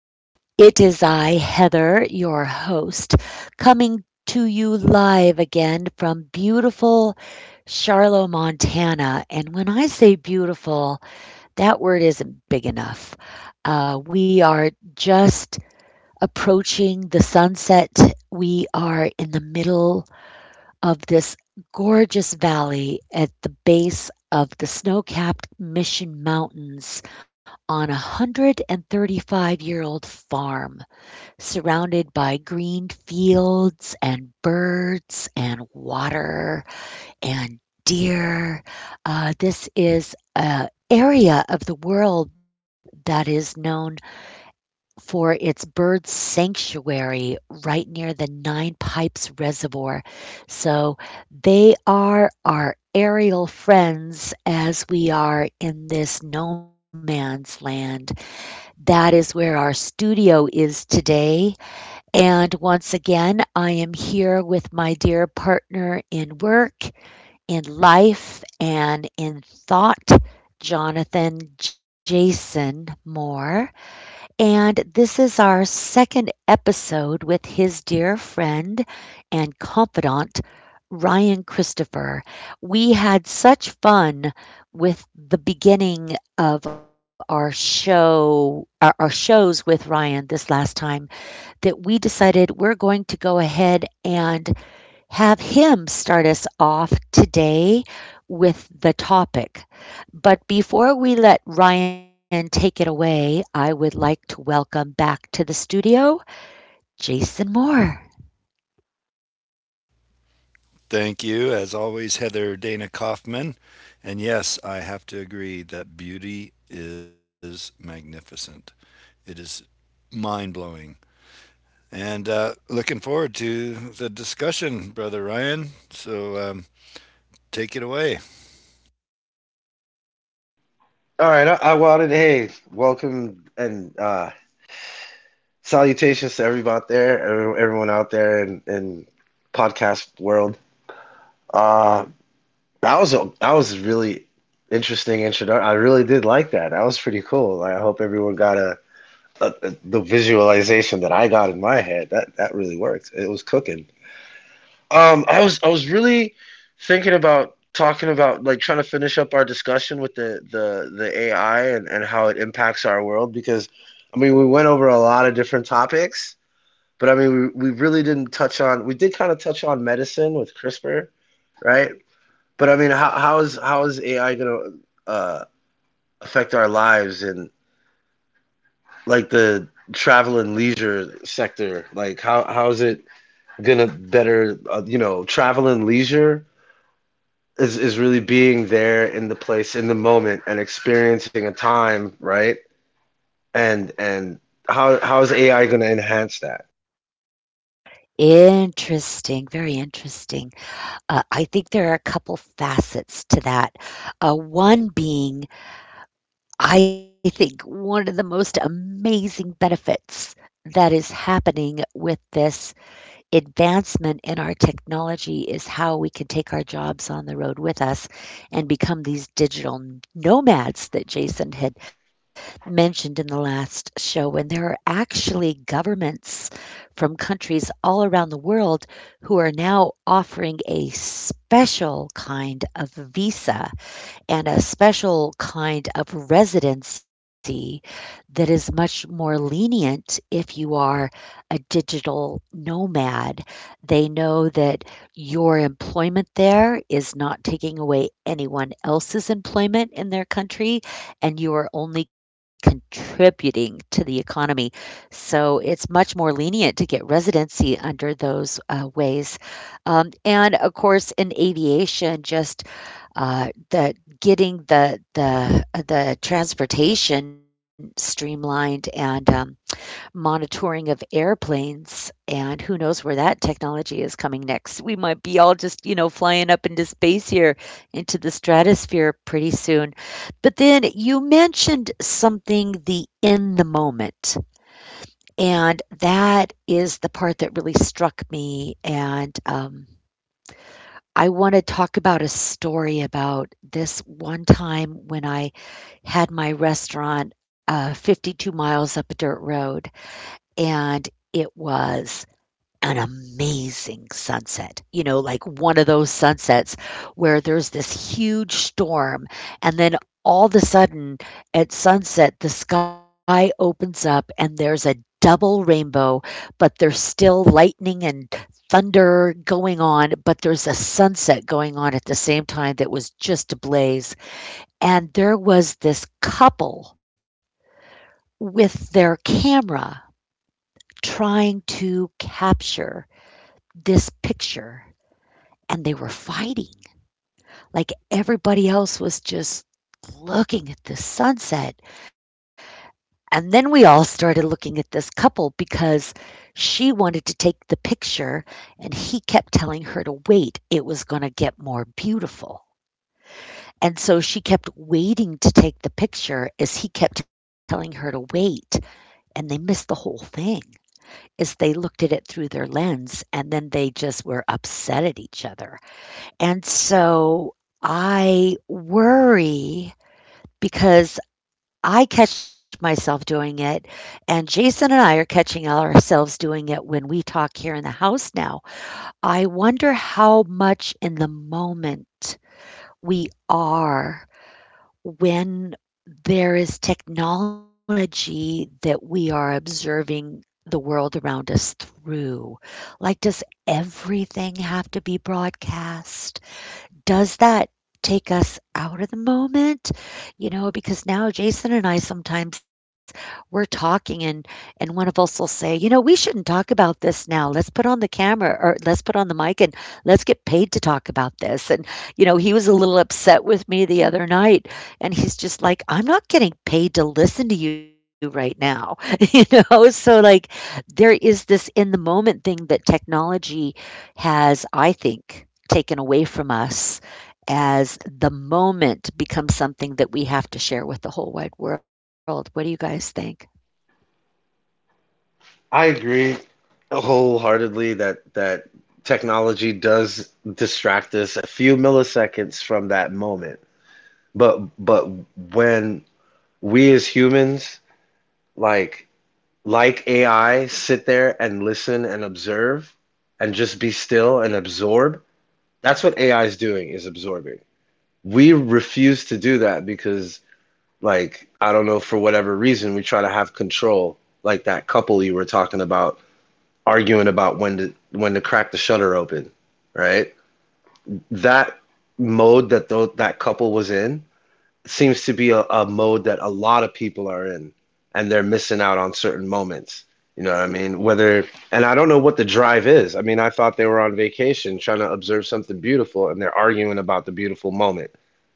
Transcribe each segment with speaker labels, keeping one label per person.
Speaker 1: It is I, Heather, your host, coming to you live again from beautiful Charlotte, Montana. And when I say beautiful, that word isn't big enough. We are just approaching the sunset, we are in the middle of this gorgeous valley at the base of the snow capped Mission Mountains on a 135 year old farm, surrounded by green fields and birds and water and deer. This is an area of the world that is known for its bird sanctuary right near the Nine Pipes Reservoir. So they are our aerial friends as we are in this no man's land. That is where our studio is today. And once again, I am here with my dear partner in work, in life, and in thought, Jonathan Jason Moore. And this is our second episode with his dear friend and confidant, Ryan Christopher. We had such fun with the beginning of our show, our shows with Ryan this last time, that we decided we're going to go ahead and have him start us off today with the topic. But before we let Ryan take it away, I would like to welcome back to the studio Jason Moore.
Speaker 2: Thank you, as always, Heather Dana Kaufman. And yes, I have to agree that beauty is magnificent. It is mind blowing. And Looking forward to the discussion, Brother Ryan. So take it away.
Speaker 3: All right, I wanted, hey, welcome and salutations to everyone out there, everyone out there in podcast world. Uh, that was a really interesting introduction. I really did like that. That was pretty cool. Like, I hope everyone got the visualization that I got in my head. That really worked. It was cooking. I was really thinking about talking about like trying to finish up our discussion with the AI and how it impacts our world because I mean we went over a lot of different topics, but I mean we really didn't touch on we did kind of touch on medicine with CRISPR, right? But I mean how is AI gonna uh affect our lives and like the travel and leisure sector? Like how is it gonna better you know travel and leisure? Is really being there in the place in the moment and experiencing a time, right? And how is AI going to enhance that?
Speaker 1: Interesting, very interesting. I think there are a couple facets to that. One being, I think, one of the most amazing benefits that is happening with this advancement in our technology is how we can take our jobs on the road with us and become these digital nomads that Jason had mentioned in the last show. And there are actually governments from countries all around the world who are now offering a special kind of visa and a special kind of residency that is much more lenient if you are a digital nomad. They know that your employment there is not taking away anyone else's employment in their country, and you are only contributing to the economy. So it's much more lenient to get residency under those ways. And of course, in aviation, just the getting the the transportation streamlined, and monitoring of airplanes, and who knows where that technology is coming next. We might be all just, you know, flying up into space here into the stratosphere pretty soon. But then you mentioned something, the in the moment, and that is the part that really struck me. And I wanna talk about a story about this one time when I had my restaurant, 52 miles up a dirt road, and it was an amazing sunset, you know, like one of those sunsets where there's this huge storm, and then all of a sudden, at sunset, the sky opens up and there's a double rainbow, but there's still lightning and thunder going on, but there's a sunset going on at the same time that was just ablaze. And there was this couple with their camera trying to capture this picture, and they were fighting. Like everybody else was just looking at the sunset. And then we all started looking at this couple because she wanted to take the picture and he kept telling her to wait. It was going to get more beautiful. And so she kept waiting to take the picture as he kept telling her to wait. And they missed the whole thing as they looked at it through their lens. And then they just were upset at each other. And so I worry because I catch myself doing it, and Jason and I are catching ourselves doing it when we talk here in the house now. I wonder how much in the moment we are when there is technology that we are observing the world around us through. Like, does everything have to be broadcast? Does that take us out of the moment? You know, because now Jason and I sometimes we're talking, and one of us will say, "You know, we shouldn't talk about this now. Let's put on the camera, or let's put on the mic and let's get paid to talk about this." And, you know, he was a little upset with me the other night and he's just like, "I'm not getting paid to listen to you right now." So there is this in the moment thing that technology has, I think, taken away from us as the moment becomes something that we have to share with the whole wide world. What do you guys think?
Speaker 3: I agree wholeheartedly that technology does distract us a few milliseconds from that moment. But when we as humans like like AI sit there and listen and observe and just be still and absorb, that's what AI is doing is absorbing. We refuse to do that because, like, I don't know, for whatever reason, we try to have control. Like that couple you were talking about, arguing about when to crack the shutter open, right? That mode that that couple was in seems to be a mode that a lot of people are in, and they're missing out on certain moments. You know what I mean? Whether, and I don't know what the drive is. I mean, I thought they were on vacation trying to observe something beautiful, and they're arguing about the beautiful moment.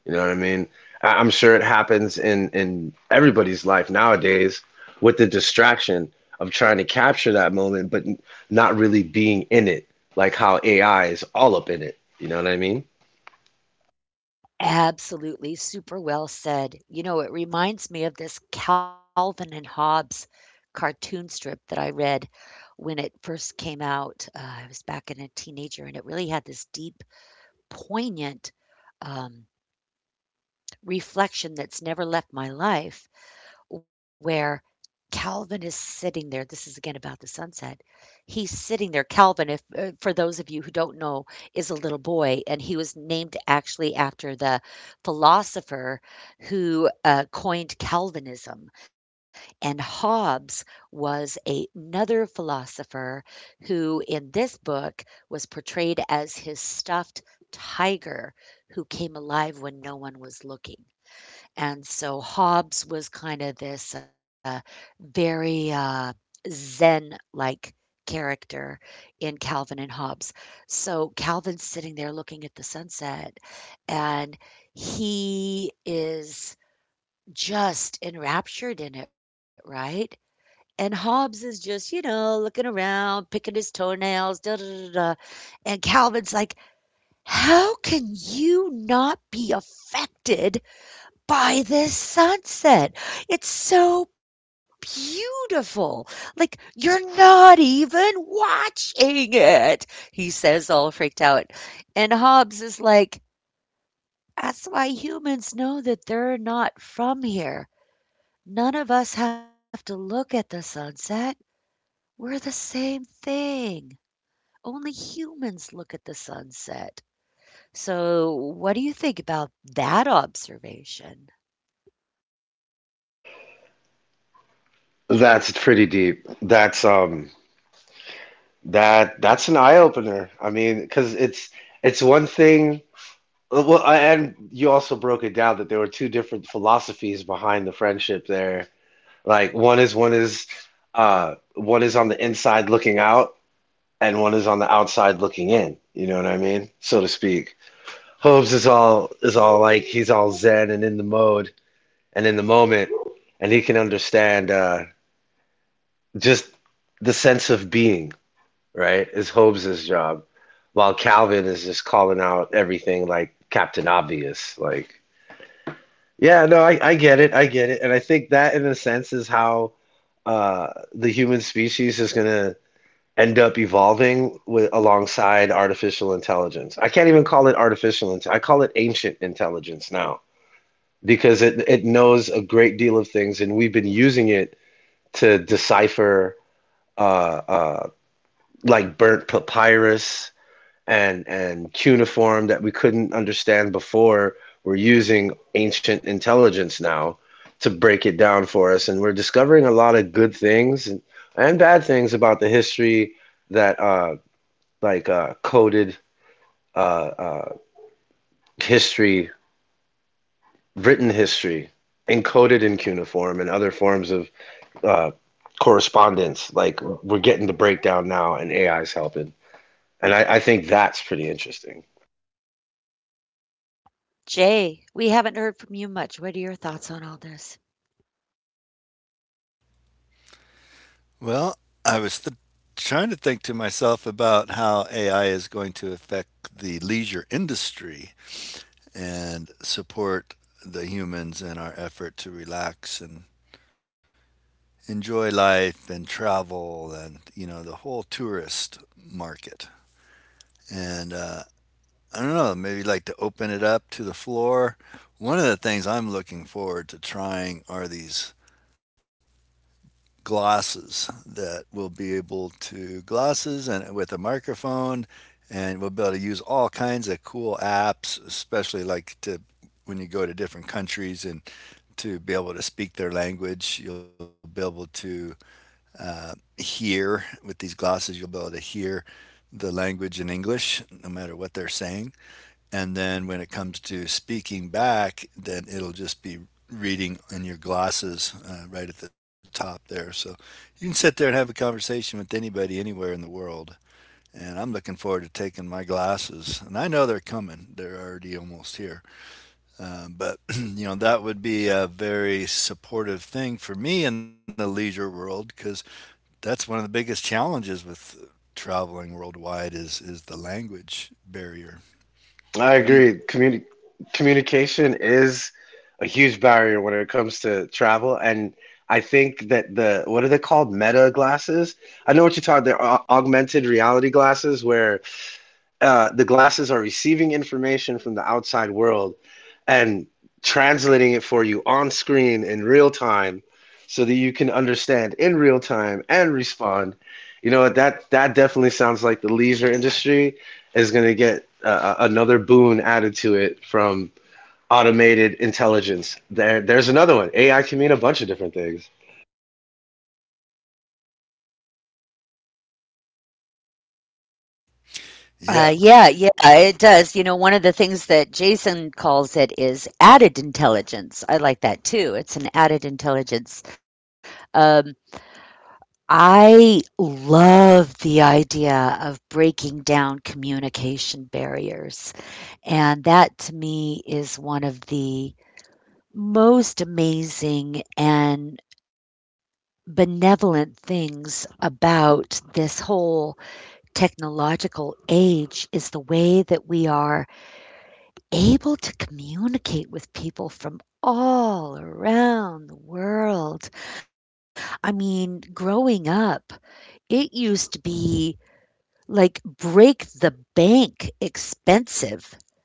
Speaker 3: You know what I mean? I'm sure it happens in everybody's life nowadays with the distraction of trying to capture that moment, but not really being in it, like how AI is all up in it. You know what I mean?
Speaker 1: Absolutely. Super well said. You know, it reminds me of this Calvin and Hobbes cartoon strip that I read when it first came out. I was back in a teenager, and it really had this deep, poignant um, reflection that's never left my life, where Calvin is sitting there. This is again about the sunset. He's sitting there. Calvin, if for those of you who don't know, is a little boy, and he was named actually after the philosopher who coined Calvinism. And Hobbes was another philosopher who, in this book, was portrayed as his stuffed tiger who came alive when no one was looking. And so Hobbes was kind of this, very, uh, Zen-like character in Calvin and Hobbes. So Calvin's sitting there looking at the sunset, and he is just enraptured in it, right? And Hobbes is just, you know, looking around, picking his toenails, da da da da. And Calvin's like, "How can you not be affected by this sunset? It's so beautiful. Like, you're not even watching it," he says, all freaked out. And Hobbs is like, "That's why humans know that they're not from here. None of us have to look at the sunset. We're the same thing. Only humans look at the sunset." So, what do you think about that observation?
Speaker 3: That's pretty deep. That that's an eye opener. I mean, because it's one thing. Well, and you also broke it down that there were two different philosophies behind the friendship there. Like one is on the inside looking out, and one is on the outside looking in. You know what I mean, so to speak. Hobbes is all like he's all zen and in the mode and in the moment, and he can understand just the sense of being. Right? Is Hobbes's job, while Calvin is just calling out everything like Captain Obvious. Like, yeah, no, I get it, and I think that in a sense is how uh, the human species is gonna end up evolving with alongside artificial intelligence. I can't even call it artificial int I call it ancient intelligence now because it knows a great deal of things, and we've been using it to decipher uh, uh, like burnt papyrus and cuneiform that we couldn't understand before we're using ancient intelligence now to break it down for us, and we're discovering a lot of good things and bad things about the history that like coded uh uh history written history encoded in cuneiform and other forms of uh correspondence. Like we're getting the breakdown now and AI is helping, and I think that's pretty interesting.
Speaker 1: Jay, we haven't heard from you much. What are your thoughts on all this?
Speaker 2: Well, I was trying to think to myself about how AI is going to affect the leisure industry and support the humans in our effort to relax and enjoy life and travel and the whole tourist market and I don't know, maybe like to open it up to the floor. One of the things I'm looking forward to trying are these glosses that will be able to glosses, and with a microphone, and we'll be able to use all kinds of cool apps, especially like to when you go to different countries and to be able to speak their language. You'll be able to uh, hear with these glasses. You'll be able to hear the language in English no matter what they're saying. And then when it comes to speaking back, then it'll just be reading in your glasses right at the top there. So you can sit there and have a conversation with anybody anywhere in the world. And I'm looking forward to taking my glasses, and I know they're coming. They're already almost here. But you know that would be a very supportive thing for me in the leisure world, because that's one of the biggest challenges with traveling worldwide is the language barrier.
Speaker 3: I
Speaker 2: What do you?
Speaker 3: agree. Communication is a huge barrier when it comes to travel, and I think that the what are they called? Meta glasses. I know what you're talking. They're augmented reality glasses, where the glasses are receiving information from the outside world and translating it for you on screen in real time so that you can understand in real time and respond. You know what? That that definitely sounds like the leisure industry is going to get another boon added to it from automated intelligence. There's another one. AI can mean a bunch of different things.
Speaker 2: Yeah,
Speaker 1: Yeah, it does. You know, one of the things that Jason calls it is added intelligence. I like that too. It's an added intelligence. Um, I love the idea of breaking down communication barriers. And that to me is one of the most amazing and benevolent things about this whole technological age is the way that we are able to communicate with people from all around the world. I mean, growing up, it used to be like break the bank expensive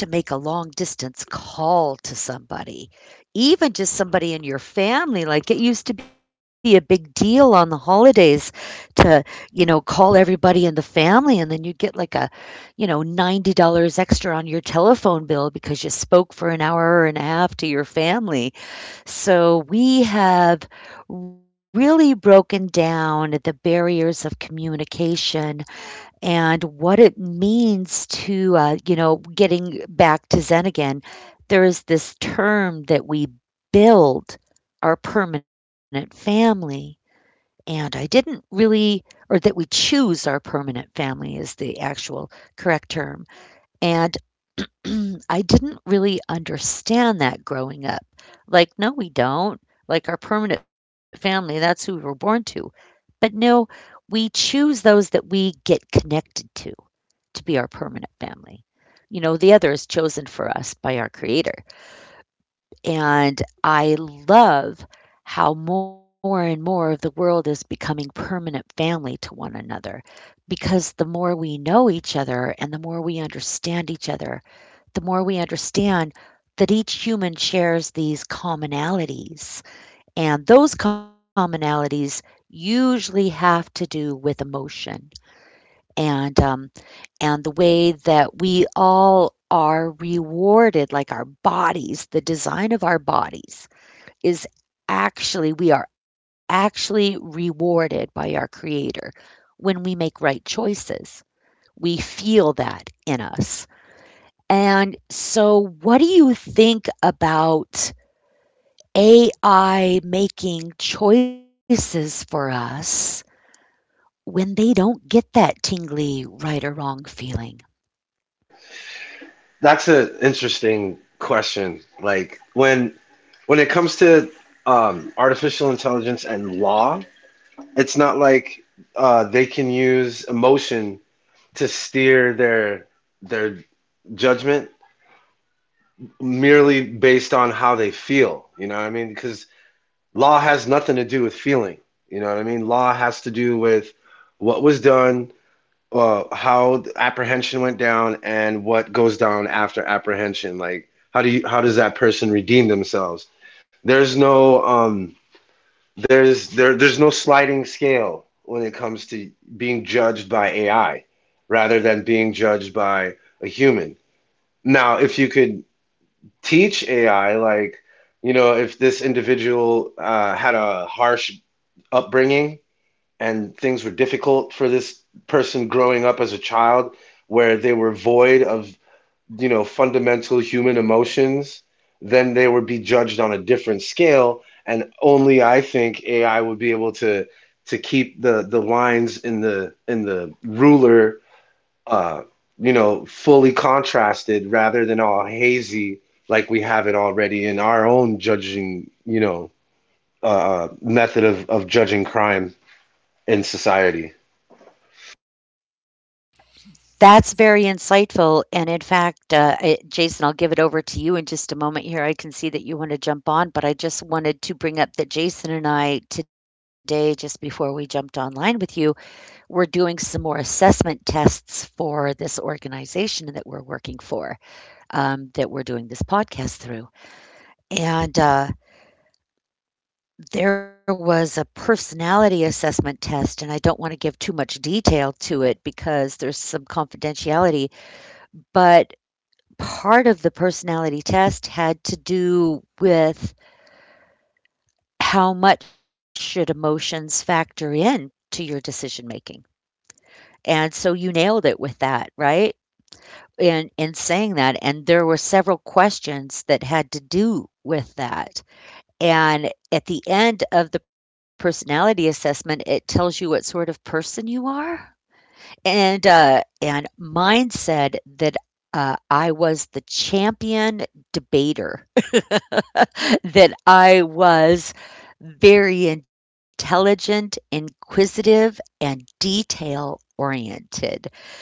Speaker 1: just to make a long distance call to somebody, even just somebody in your family. Like it used to be a big deal on the holidays to, you know, call everybody in the family and then you'd get like a, you know, $90 extra on your telephone bill because you spoke for an hour and a half to your family. So we have really broken down the barriers of communication and what it means to, you know, getting back to Zen again, there is this term that we build our permanent family. And I didn't really, Or that we choose our permanent family is the actual correct term. And I didn't really understand that growing up. Like, no, we don't. Like, our permanent family, that's who we were born to. But no, we choose those that we get connected to be our permanent family. You know, the other is chosen for us by our Creator. And I love how more and more of the world is becoming permanent family to one another because the more we know each other and the more we understand each other, the more we understand that each human shares these commonalities. And those commonalities usually have to do with emotion. And um, and the way that we all are rewarded, like our bodies, the design of our bodies is actually, we are actually rewarded by our Creator when we make right choices. We feel that in us. And so, what do you think about AI making choices for us when they don't get that tingly right or wrong feeling?
Speaker 3: That's an interesting question. Like when it comes to artificial intelligence and law, it's not like they can use emotion to steer their judgment merely based on how they feel. You know what I mean? Because law has nothing to do with feeling. You know what I mean? Law has to do with what was done, how the apprehension went down, and what goes down after apprehension. Like how do you how does that person redeem themselves? There's no um there's no sliding scale when it comes to being judged by AI rather than being judged by a human. Now, if you could teach AI, like, you know, if this individual had a harsh upbringing and things were difficult for this person growing up as a child, where they were void of, you know, fundamental human emotions, then they would be judged on a different scale. And only I think AI would be able to keep the lines in the ruler uh, you know, fully contrasted rather than all hazy like we have it already in our own judging, you know, method of judging crime in society.
Speaker 1: That's very insightful, and in fact, Jason, I'll give it over to you in just a moment here. I can see that you wanna jump on, but I just wanted to bring up that Jason and I today, just before we jumped online with you, were doing some more assessment tests for this organization that we're working for, that we're doing this podcast through. And, there was a personality assessment test, and I don't wanna give too much detail to it because there's some confidentiality, but part of the personality test had to do with how much should emotions factor in to your decision making. And so you nailed it with that, right? In saying that, and there were several questions that had to do with that. And at the end of the personality assessment, it tells you what sort of person you are. And mine said that I was the champion debater that I was very intelligent, inquisitive, and detail oriented.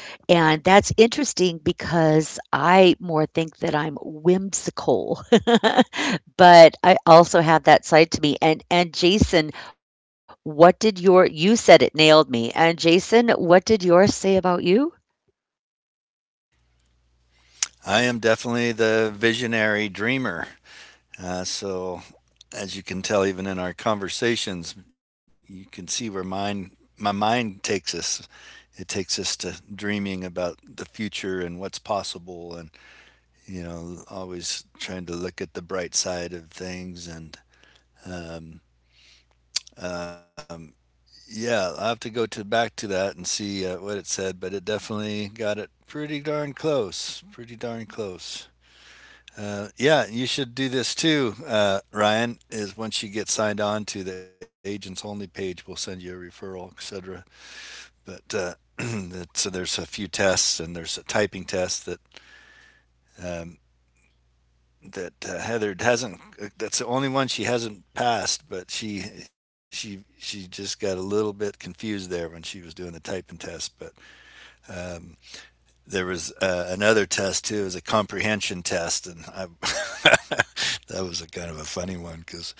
Speaker 1: And that's interesting because I more think that I'm whimsical, but I also have that side to me. And Jason, what did your— you said it nailed me. And Jason, what did yours say about you?
Speaker 2: I am definitely the visionary dreamer. So as you can tell, even in our conversations, you can see where mine my mind takes us. It takes us to dreaming about the future and what's possible, and you know, always trying to look at the bright side of things and. Um, um, Yeah, I have to go to back to that and see what it said, but it definitely got it pretty darn close. Pretty darn close. Yeah, you should do this too, Ryan. Is once you get signed on to the agents only page, we'll send you a referral, etc. But so there's a few tests, and there's a typing test that um, Heather hasn't. That's the only one she hasn't passed, but she just got a little bit confused there when she was doing the typing test. But there was another test too. It was a comprehension test, and that was a kind of a funny one because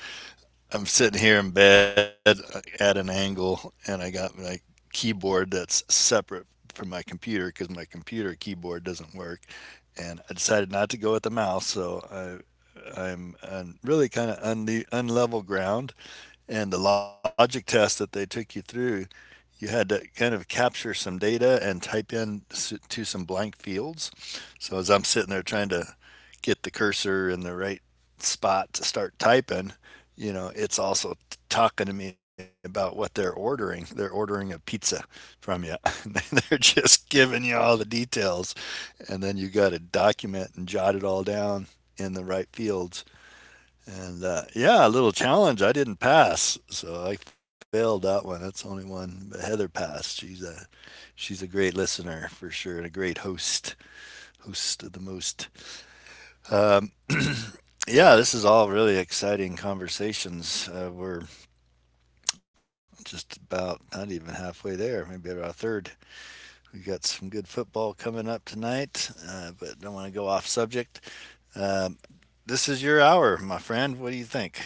Speaker 2: I'm sitting here in bed at an angle, and I got my keyboard that's separate from my computer because my computer keyboard doesn't work. And I decided not to go with the mouse, so I'm on really kind of unlevel ground. And the logic test that they took you through, you had to kind of capture some data and type in to some blank fields. So as I'm sitting there trying to get the cursor in the right spot to start typing, you know, it's also talking to me about what they're ordering. They're ordering a pizza from you. And they're just giving you all the details. And then you got to document and jot it all down in the right fields. And Yeah, a little challenge. I didn't pass, so I failed that one. That's the only one. But Heather passed. She's a great listener for sure, and a great host, host of the most. Um, yeah, this is all really exciting conversations. We're just about not even halfway there, maybe about a third. We got some good football coming up tonight, but don't want to go off subject. Uh, this is your hour, my friend. What do you think?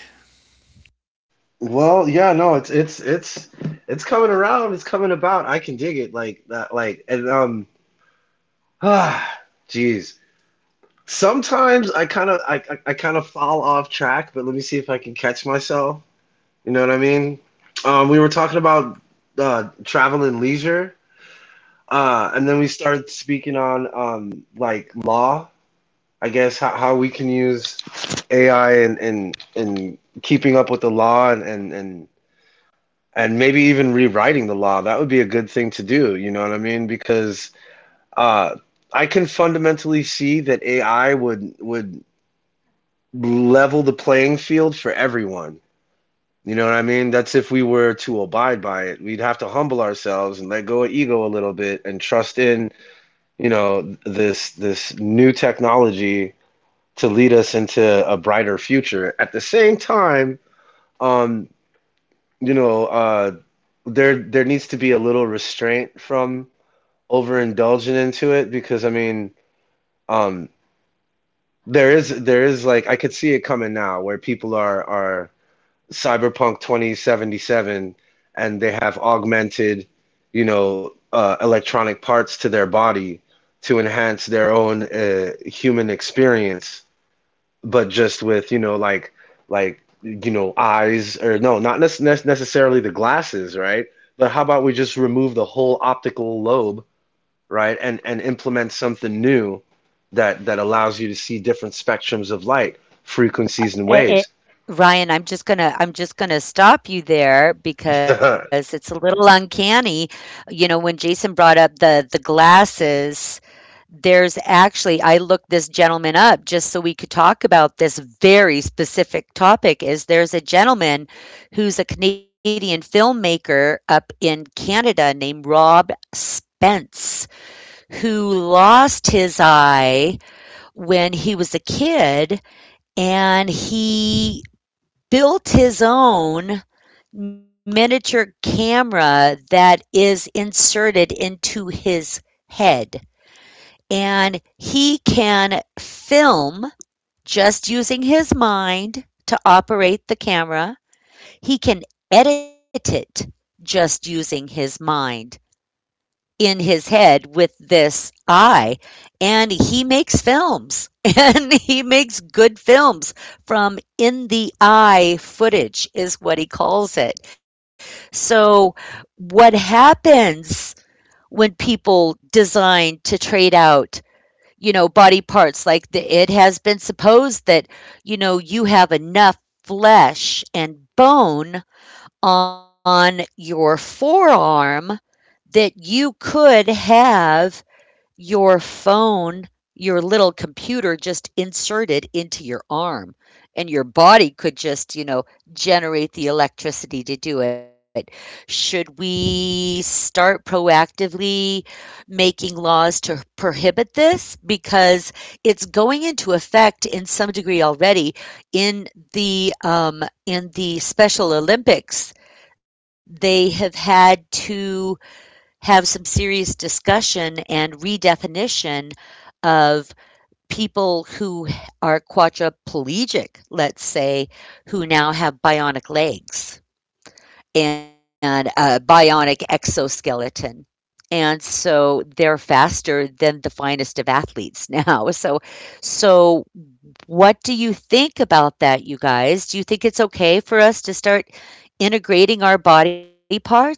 Speaker 3: Well, yeah, no, it's it's coming around, it's coming about. I can dig it like that, like and ah, jeez. Sometimes I kind of I kind of fall off track, but let me see if I can catch myself. You know what I mean? We were talking about travel and leisure. And then we started speaking on like law, I guess how we can use AI and keeping up with the law and maybe even rewriting the law. That would be a good thing to do, you know what I mean? Because uh, I can fundamentally see that AI would level the playing field for everyone. You know what I mean? That's if we were to abide by it. We'd have to humble ourselves and let go of ego a little bit and trust in you know, this new technology to lead us into a brighter future. At the same time, um, you know, there needs to be a little restraint from overindulging into it because I mean, um, there is like I could see it coming now where people are Cyberpunk 2077 and they have augmented, you know, electronic parts to their body to enhance their own human experience, but just with, you know, like, you know, eyes or no, not nec- nec- necessarily the glasses, right? But how about we just remove the whole optical lobe, right? And implement something new that that allows you to see different spectrums of light, frequencies and
Speaker 1: Eh, eh,
Speaker 3: waves.
Speaker 1: Ryan, I'm just gonna stop you there because it's a little uncanny. You know, when Jason brought up the glasses, there's actually— I looked this gentleman up just so we could talk about this very specific topic. Is there's a gentleman who's a Canadian filmmaker up in Canada named Rob Spence who lost his eye when he was a kid, and he built his own miniature camera that is inserted into his head. And he can film just using his mind to operate the camera. He can edit it just using his mind in his head with this eye, and he makes films and he makes good films from— in the eye footage is what he calls it. So what happens when people design to trade out, you know, body parts? Like, the, it has been supposed that, you know, you have enough flesh and bone on your forearm that you could have your phone, your little computer just inserted into your arm, and your body could just, you know, generate the electricity to do it. Should we start proactively making laws to prohibit this, because it's going into effect in some degree already in in the Special Olympics. They have had to have some serious discussion and redefinition of people who are quadriplegic, let's say, who now have bionic legs and a bionic exoskeleton. And so they're faster than the finest of athletes now. So so what do you think about that, you guys? Do you think it's okay for us to start integrating our body parts?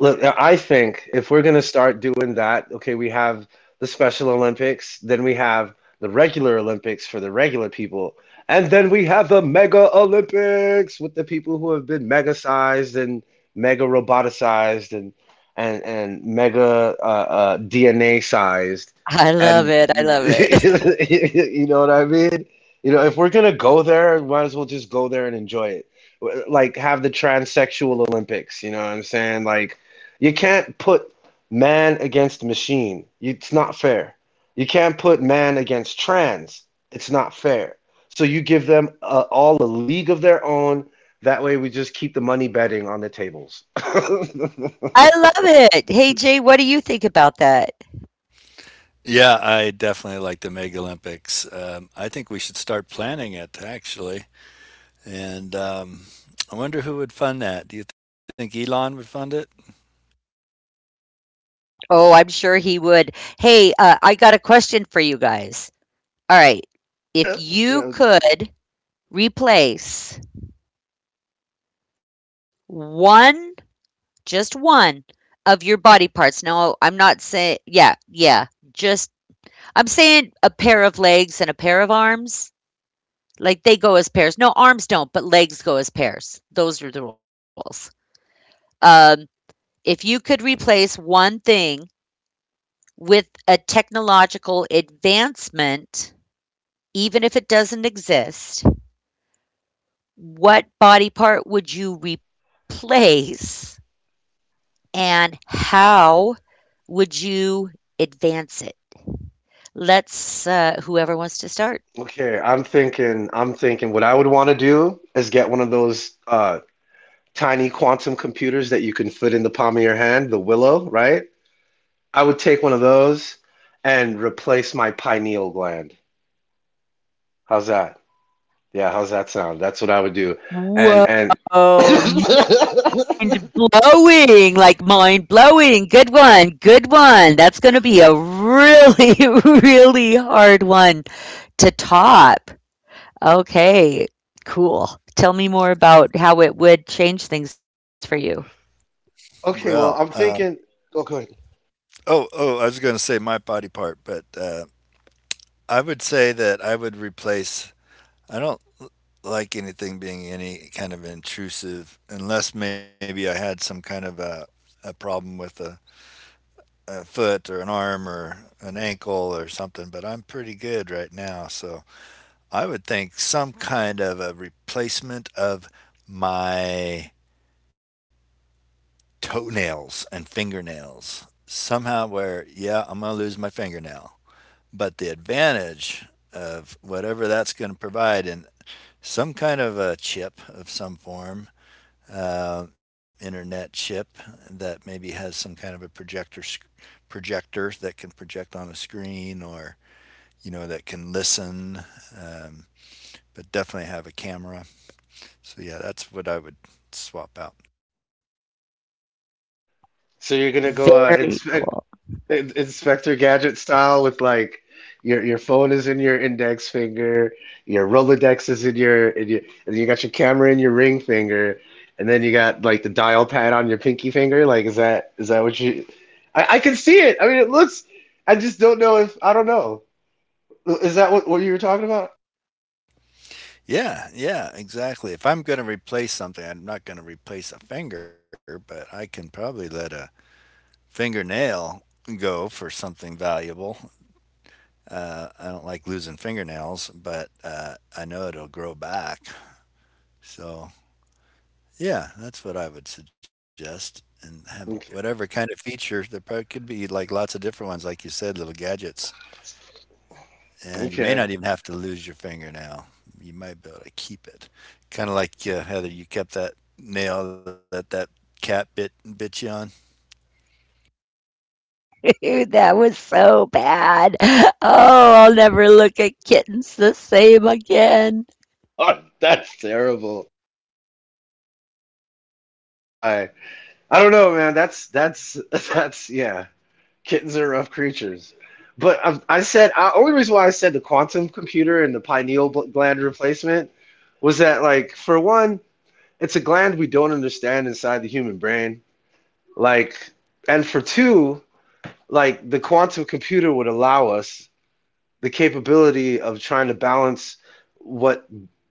Speaker 3: Look, I think if we're going to start doing that, okay, we have the Special Olympics, then we have the regular Olympics for the regular people, and then we have the Mega Olympics with the people who have been mega sized and mega roboticized and mega DNA sized,
Speaker 1: I love
Speaker 3: and
Speaker 1: it. I love it.
Speaker 3: you know what I mean? You know, if we're gonna go there, might as well just go there and enjoy it. Like have the transsexual Olympics, you know what I'm saying? Like you can't put man against machine. It's not fair. You can't put man against trans. It's not fair. So you give them all a league of their own. That way we just keep the money betting on the tables.
Speaker 1: I love it. Hey, Jay, what do you think about that?
Speaker 2: Yeah, I definitely like the Mega Olympics. I think we should start planning it actually, and I wonder who would fund that. Do you think Elon would fund it?
Speaker 1: Oh, I'm sure he would. Hey, I got a question for you guys. All right. If you
Speaker 3: Yeah,
Speaker 1: could replace one, just one of your body parts. No, I'm not saying— yeah, yeah, just, I'm saying a pair of legs and a pair of arms. Like they go as pairs. No, arms don't, but legs go as pairs. Those are the rules. Um, if you could replace one thing with a technological advancement, even if it doesn't exist, what body part would you replace and how would you advance it? Let's, whoever wants to start.
Speaker 3: okay. I'm thinking what I would want to do is get one of those tiny quantum computers that you can fit in the palm of your hand, the Willow, right? I would take one of those and replace my pineal gland. How's that? Yeah, how's that sound? That's what I would do.
Speaker 1: Whoa,
Speaker 3: And
Speaker 1: mind blowing, like mind blowing. Good one, good one. That's going to be a really, really hard one to top. Okay, cool. Tell me more about how it would change things for you.
Speaker 2: Well,
Speaker 3: okay, well,
Speaker 2: um,
Speaker 3: I'm thinking. Oh, go ahead.
Speaker 2: oh, I was going to say my body part, but I would say that I would replace. I don't like anything being any kind of intrusive, unless maybe I had some kind of a problem with a foot or an arm or an ankle or something, but I'm pretty good right now. So I would think some kind of a replacement of my toenails and fingernails. Somehow, where, yeah, I'm going to lose my fingernail. But the advantage of whatever that's going to provide in some kind of a chip of some form, internet chip that maybe has some kind of a projector that can project on a screen, or you know that can listen. um, but definitely have a camera. So yeah, that's what I would swap out.
Speaker 3: So you're gonna go
Speaker 1: Very cool.
Speaker 3: Inspector Gadget style with like your phone is in your index finger, your Rolodex is in and you got your camera in your ring finger, and then you got like the dial pad on your pinky finger. Like, is that what you? I can see it. I mean, it looks. I just don't know. Is that what you were talking about?
Speaker 2: Yeah, yeah, exactly. If I'm going to replace something, I'm not going to replace a finger, but I can probably let a fingernail go for something valuable. I don't like losing fingernails, but I know it'll grow back. So yeah, that's what I would suggest, and have whatever
Speaker 3: Okay.
Speaker 2: kind of feature there probably could be, like lots of different ones, like you said, little gadgets, and you may not
Speaker 3: Okay.
Speaker 2: even have to lose your fingernail. You might be able to keep it, kind of like Heather, you kept that nail that that cat bit you on.
Speaker 1: Dude, that was so bad. Oh, I'll never look at kittens the same again.
Speaker 3: Oh, that's terrible. I I don't know, man. That's that's yeah. Kittens are rough creatures. But I said I, only reason why I said the quantum computer and the pineal gland replacement was that, like, for one, it's a gland we don't understand inside the human brain. Like, and for two, like, the quantum computer would allow us the capability of trying to balance what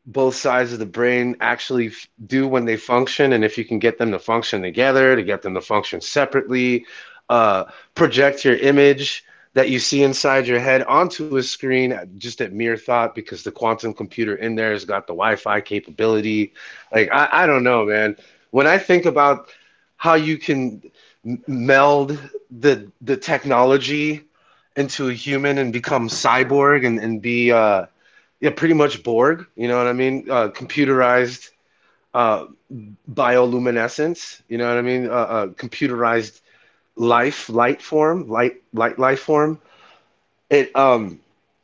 Speaker 3: both sides of the brain actually do when they function, and if you can get them to function together, to get them to function separately, uh, project your image that you see inside your head onto a screen just at mere thought, because the quantum computer in there has got the wi-fi capability. Like I don't know, man. When I think about how you can meld the technology into a human and become cyborg, and be yeah, pretty much Borg, you know what I mean? Computerized, uh bioluminescence, you know what I mean? Computerized life, light form, light life form. It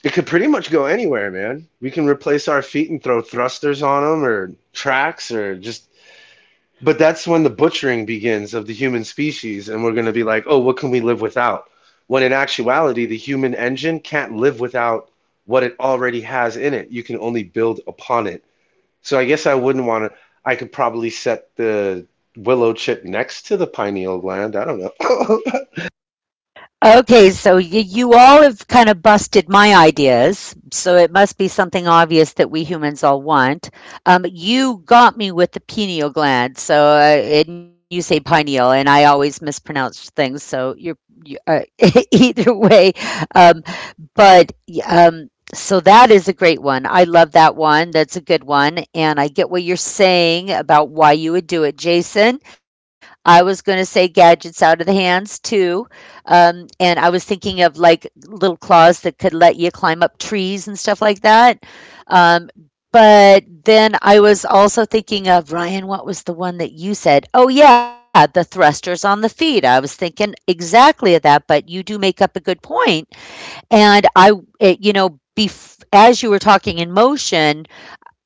Speaker 3: it could pretty much go anywhere, man. We can replace our feet and throw thrusters on them or tracks or just, but that's when the butchering begins of the human species, and we're going to be like, oh, what can we live without? When in actuality, the human engine can't live without what it already has in it. You can only build upon it. So I guess I wouldn't want to. I could probably set the willow chip next to the pineal gland. I don't know.
Speaker 1: Okay, so you all have kind of busted my ideas, so it must be something obvious that we humans all want. You got me with the pineal gland, so and you say pineal, and I always mispronounce things. So you're— you, either way, um, but so that is a great one. I love that one. That's a good one. And I get what you're saying about why you would do it, Jason. I was going to say gadgets out of the hands too. And I was thinking of like little claws that could let you climb up trees and stuff like that. Um, but then I was also thinking of— Ryan, what was the one that you said? Oh, yeah, the thrusters on the feet. I was thinking exactly of that, but you do make up a good point, and I— it, you know, as you were talking in motion,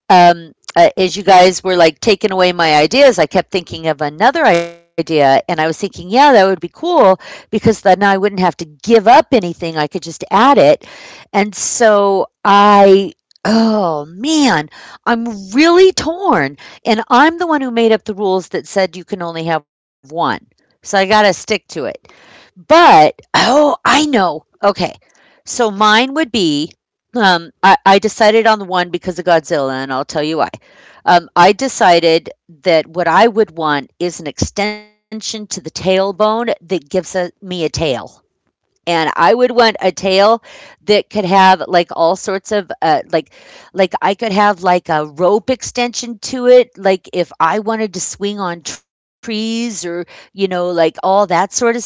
Speaker 1: as you guys were like taking away my ideas, I kept thinking of another idea, and I was thinking, yeah, that would be cool because then I wouldn't have to give up anything. I could just add it, and so I— oh man, I'm really torn. And I'm the one who made up the rules that said you can only have one. So I got to stick to it. But, oh, I know. Okay. So mine would be— I decided on the one because of Godzilla, and I'll tell you why. I decided that what I would want is an extension to the tailbone that gives a— me a tail. And I would want a tail that could have like all sorts of like— like I could have like a rope extension to it, like if I wanted to swing on trees, or you know, like all that sort of stuff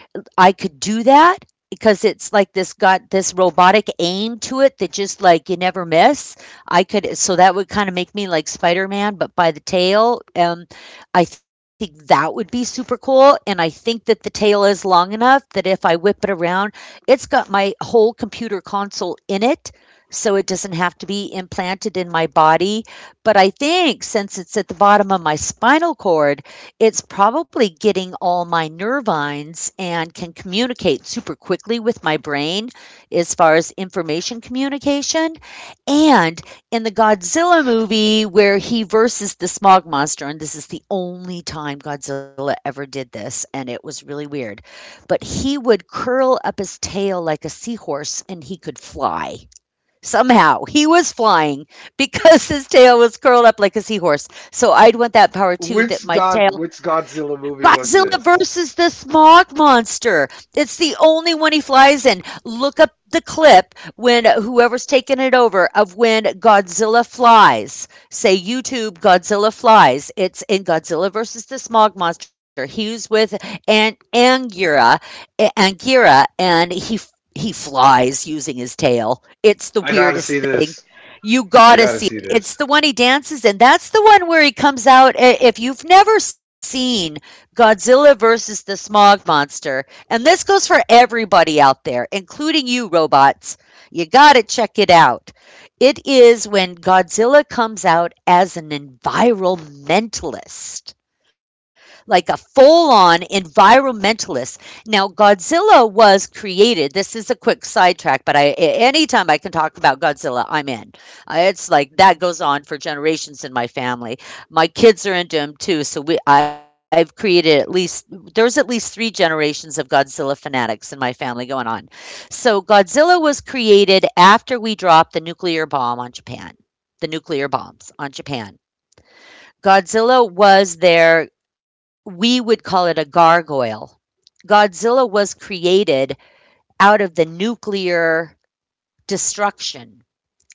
Speaker 1: I could do that, because it's like— this got this robotic aim to it that just, like, you never miss. I could— so that would kind of make me like Spider-Man but by the tail. I think that would be super cool, and I think that the tail is long enough that if I whip it around, it's got my whole computer console in it. So it doesn't have to be implanted in my body, but I think since it's at the bottom of my spinal cord, it's probably getting all my nervines and can communicate super quickly with my brain as far as information communication. And in the Godzilla movie where he versus the smog monster, and this is the only time Godzilla ever did this, and it was really weird, but he would curl up his tail like a seahorse and he could fly. Somehow he was flying because his tail was curled up like a seahorse. So I'd want that power too, that my tail—
Speaker 3: Which Godzilla movie was
Speaker 1: Godzilla
Speaker 3: this?
Speaker 1: versus the smog monster. It's the only one he flies in. Look up the clip when whoever's taking it over of when Godzilla flies. Say YouTube Godzilla flies. It's in Godzilla versus the smog monster. He was with Angira, Angira, and he flies using his tail. It's the
Speaker 3: I gotta see
Speaker 1: weirdest thing.
Speaker 3: this.
Speaker 1: You
Speaker 3: I
Speaker 1: gotta
Speaker 3: gotta
Speaker 1: see
Speaker 3: see
Speaker 1: it. It's
Speaker 3: this.
Speaker 1: the one he dances in. That's the one where he comes out. If you've never seen Godzilla versus the Smog Monster. And this goes for everybody out there, including you, robots. You got to check it out. It is when Godzilla comes out as an environmentalist, like a full on environmentalist. Now, Godzilla was created— this is a quick sidetrack, but I anytime I can talk about Godzilla, I'm in. It's like that goes on for generations in my family. My kids are into him too. So we— I've created at least— there's at least three generations of Godzilla fanatics in my family going on. So Godzilla was created after we dropped the nuclear bomb on Japan the nuclear bombs on Japan. Godzilla was there, we would call it a gargoyle. Godzilla was created out of the nuclear destruction,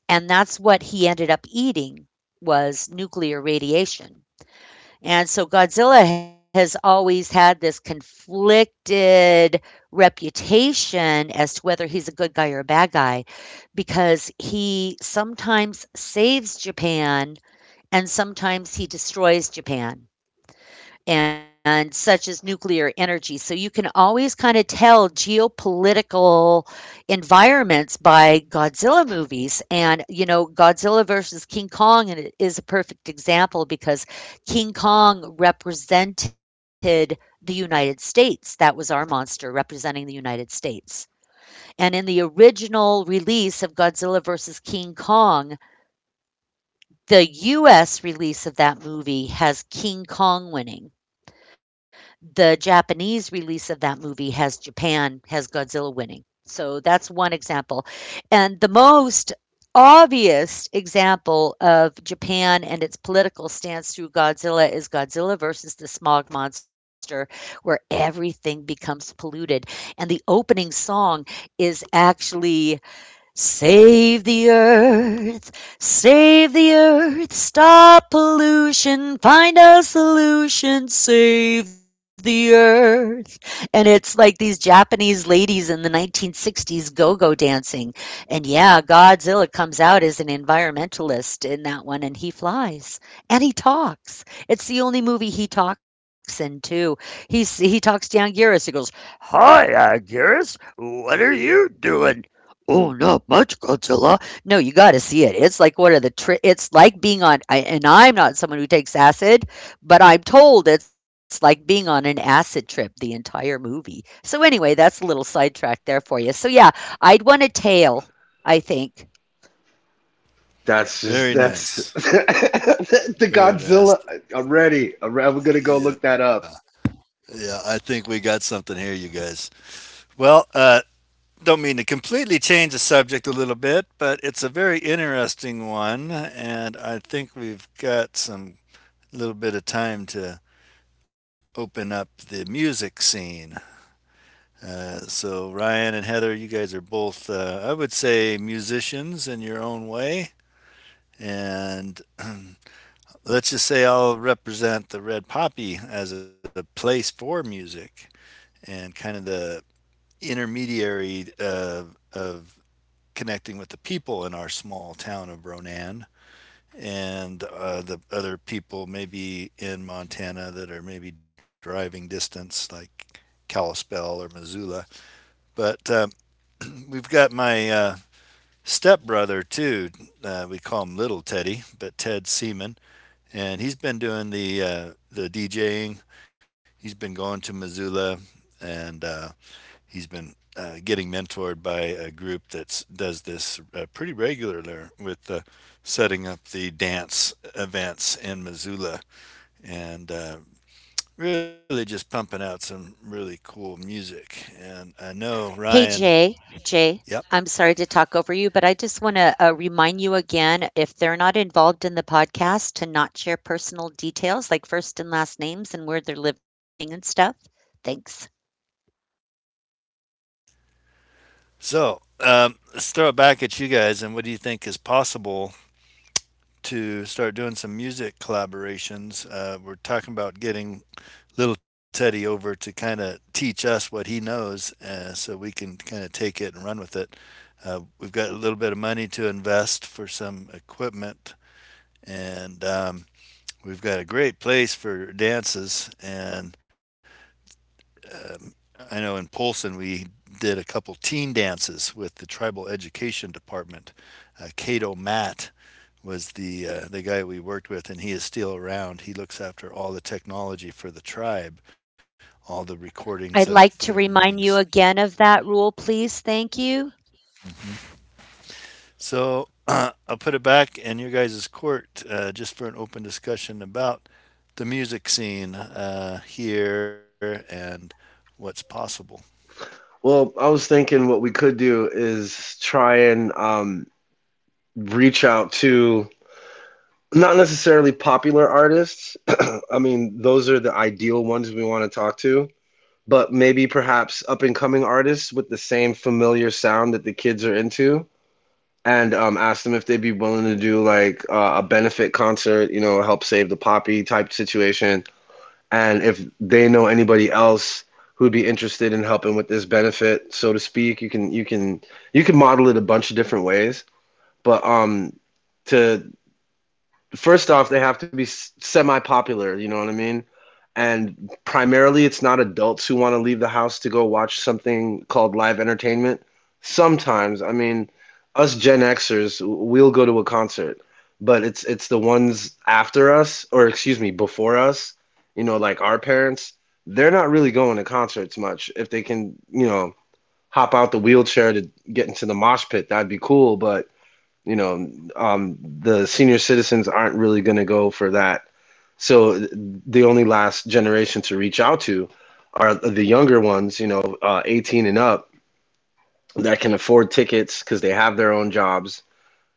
Speaker 1: and that's what he ended up eating was nuclear radiation. And so Godzilla has always had this conflicted reputation as to whether he's a good guy or a bad guy, because he sometimes saves Japan and sometimes he destroys Japan. And such as nuclear energy. So you can always kind of tell geopolitical environments by Godzilla movies. And, you know, Godzilla versus King Kong— and it is a perfect example, because King Kong represented the United States. That was our monster representing the United States. And in the original release of Godzilla versus King Kong, the US release of that movie has King Kong winning, the Japanese release of that movie has Japan has Godzilla winning. So that's one example. And the most obvious example of Japan and its political stance through Godzilla is Godzilla versus the smog monster, where everything becomes polluted. And the opening song is actually: Save the earth, save the earth, stop pollution, find a solution, save the earth. And it's like these Japanese ladies in the 1960s go go dancing. And yeah, Godzilla comes out as an environmentalist in that one, and he flies and he talks. It's the only movie he talks in, too. He's— he talks to Anguirus. He goes, "Hi, Anguirus, what are you doing?" "Oh, not much, Godzilla." No, you got to see it. It's like one of the— it's like being on— I, and I'm not someone who takes acid, but I'm told it's like being on an acid trip the entire movie. So anyway, that's a little sidetrack there for you. So yeah, I'd want a tail, I think.
Speaker 3: That's
Speaker 2: Very
Speaker 3: just that's
Speaker 2: nice,
Speaker 3: the
Speaker 2: very nice.
Speaker 3: Godzilla. I'm ready. I'm gonna go look
Speaker 2: Yeah,
Speaker 3: that up.
Speaker 2: yeah. I think we got something here, you guys. Well, uh, Don't mean to completely change the subject a little bit, but it's a very interesting one, and I think we've got some little bit of time to open up the music scene. So, Ryan and Heather, you guys are both, I would say, musicians in your own way. And let's just say I'll represent the Red Poppy as a place for music and kind of the intermediary of connecting with the people in our small town of Ronan, and the other people maybe in Montana that are maybe driving distance, like Kalispell or Missoula. But we've got my stepbrother too. We call him Little Teddy, but Ted Seaman, and he's been doing the DJing. He's been going to Missoula, and he's been getting mentored by a group that does this pretty regularly with setting up the dance events in Missoula, and really just pumping out some really cool music. And I know
Speaker 1: Hey,
Speaker 2: Ryan.
Speaker 1: Jay, Jay,
Speaker 2: Yep.
Speaker 1: I'm sorry to talk over you, but I just want to remind you again, if they're not involved in the podcast, to not share personal details like first and last names and where they're living and stuff. Thanks.
Speaker 2: So let's throw it back at you guys. And what do you think is possible to start doing some music collaborations? We're talking about getting little Teddy over to kind of teach us what he knows, so we can kind of take it and run with it. We've got a little bit of money to invest for some equipment, and we've got a great place for dances. And I know in Polson we did a couple teen dances with the tribal education department. Cato Matt was the guy we worked with, and he is still around. He looks after all the technology for the tribe, all the
Speaker 1: I'd
Speaker 2: recordings of
Speaker 1: like to
Speaker 2: their
Speaker 1: remind you
Speaker 2: meetings.
Speaker 1: again of that rule, please. Thank you.
Speaker 2: So I'll put it back in your guys' court just for an open discussion about the music scene here and what's possible.
Speaker 3: Well, I was thinking what we could do is try and, reach out to not necessarily popular artists. I mean, those are the ideal ones we want to talk to, but maybe perhaps up and coming artists with the same familiar sound that the kids are into, and ask them if they'd be willing to do like a benefit concert, you know, help save the poppy type situation, and if they know anybody else who'd be interested in helping with this benefit, so to speak. You can you can you can model it a bunch of different ways. But to first off, they have to be semi-popular, you know what I mean? And primarily, it's not adults who want to leave the house to go watch something called live entertainment. Sometimes, I mean, us Gen Xers, we'll go to a concert, but it's the ones after us, or excuse me, before us, you know, like our parents, they're not really going to concerts much. If they can, you know, hop out the wheelchair to get into the mosh pit, that'd be cool, but, you know, the senior citizens aren't really going to go for that. So the only last generation to reach out to are the younger ones, you know, 18 and up, that can afford tickets because they have their own jobs,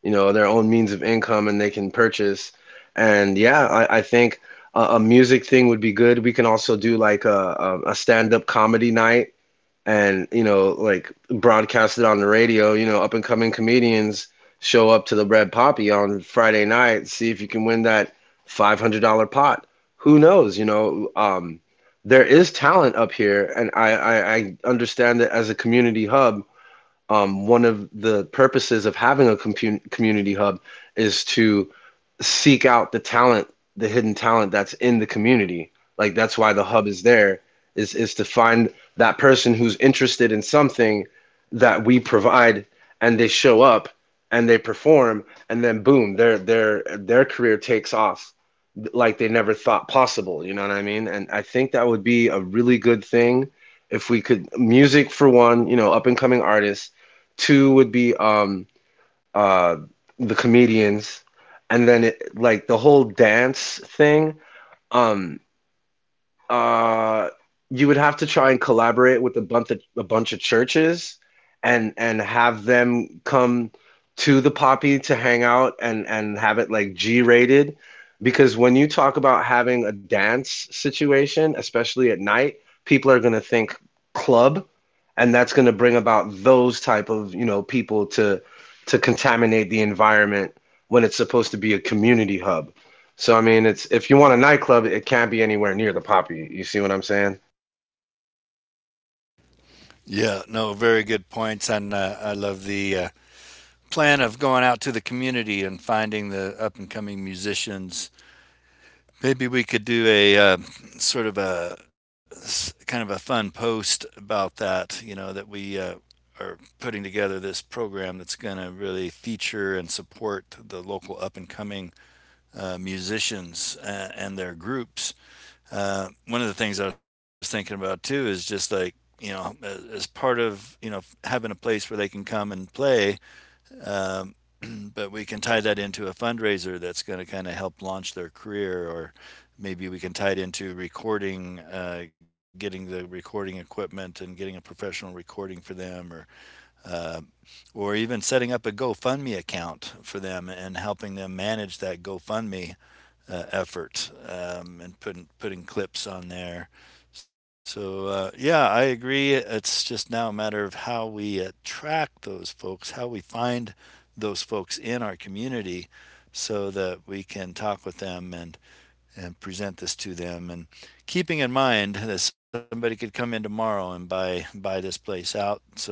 Speaker 3: you know, their own means of income, and they can purchase. And yeah, I think a music thing would be good. We can also do like a stand-up comedy night, and, you know, like broadcast it on the radio, you know, up and coming comedians show up to the Red Poppy on Friday night, see if you can win that $500 pot. Who knows, you know. There is talent up here, and I understand that as a community hub, one of the purposes of having a compu community hub is to seek out the talent, the hidden talent that's in the community. Like, that's why the hub is there, is to find that person who's interested in something that we provide, and they show up and they perform, and then boom, their their career takes off like they never thought possible, you know what I mean? And I think that would be a really good thing if we could music for one, you know, up and coming artists. Two would be uh the comedians, and then it, like, the whole dance thing. um uh, you would have to try and collaborate with a bunch of churches, and have them come to the Poppy to hang out, and have it like G-rated, because when you talk about having a dance situation, especially at night, people are going to think club, and that's going to bring about those type of, you know, people to contaminate the environment when it's supposed to be a community hub. So I mean, it's, if you want a nightclub, it can't be anywhere near the poppy. You see what I'm saying?
Speaker 2: Yeah, no, very good points, and I love the plan of going out to the community and finding the up and coming musicians. Maybe we could do a sort of a kind of a fun post about that. You know that we are putting together this program that's going to really feature and support the local up and coming musicians and their groups. One of the things I was thinking about too is just like you know, as part of you know having a place where they can come and play, um, but we can tie that into a fundraiser that's going to kind of help launch their career, or maybe we can tie it into recording, getting the recording equipment and getting a professional recording for them, or even setting up a GoFundMe account for them and helping them manage that GoFundMe effort, and putting clips on there. So yeah, I agree. It's just now a matter of how we attract those folks, how we find those folks in our community, so that we can talk with them and present this to them. And keeping in mind that somebody could come in tomorrow and buy this place out. So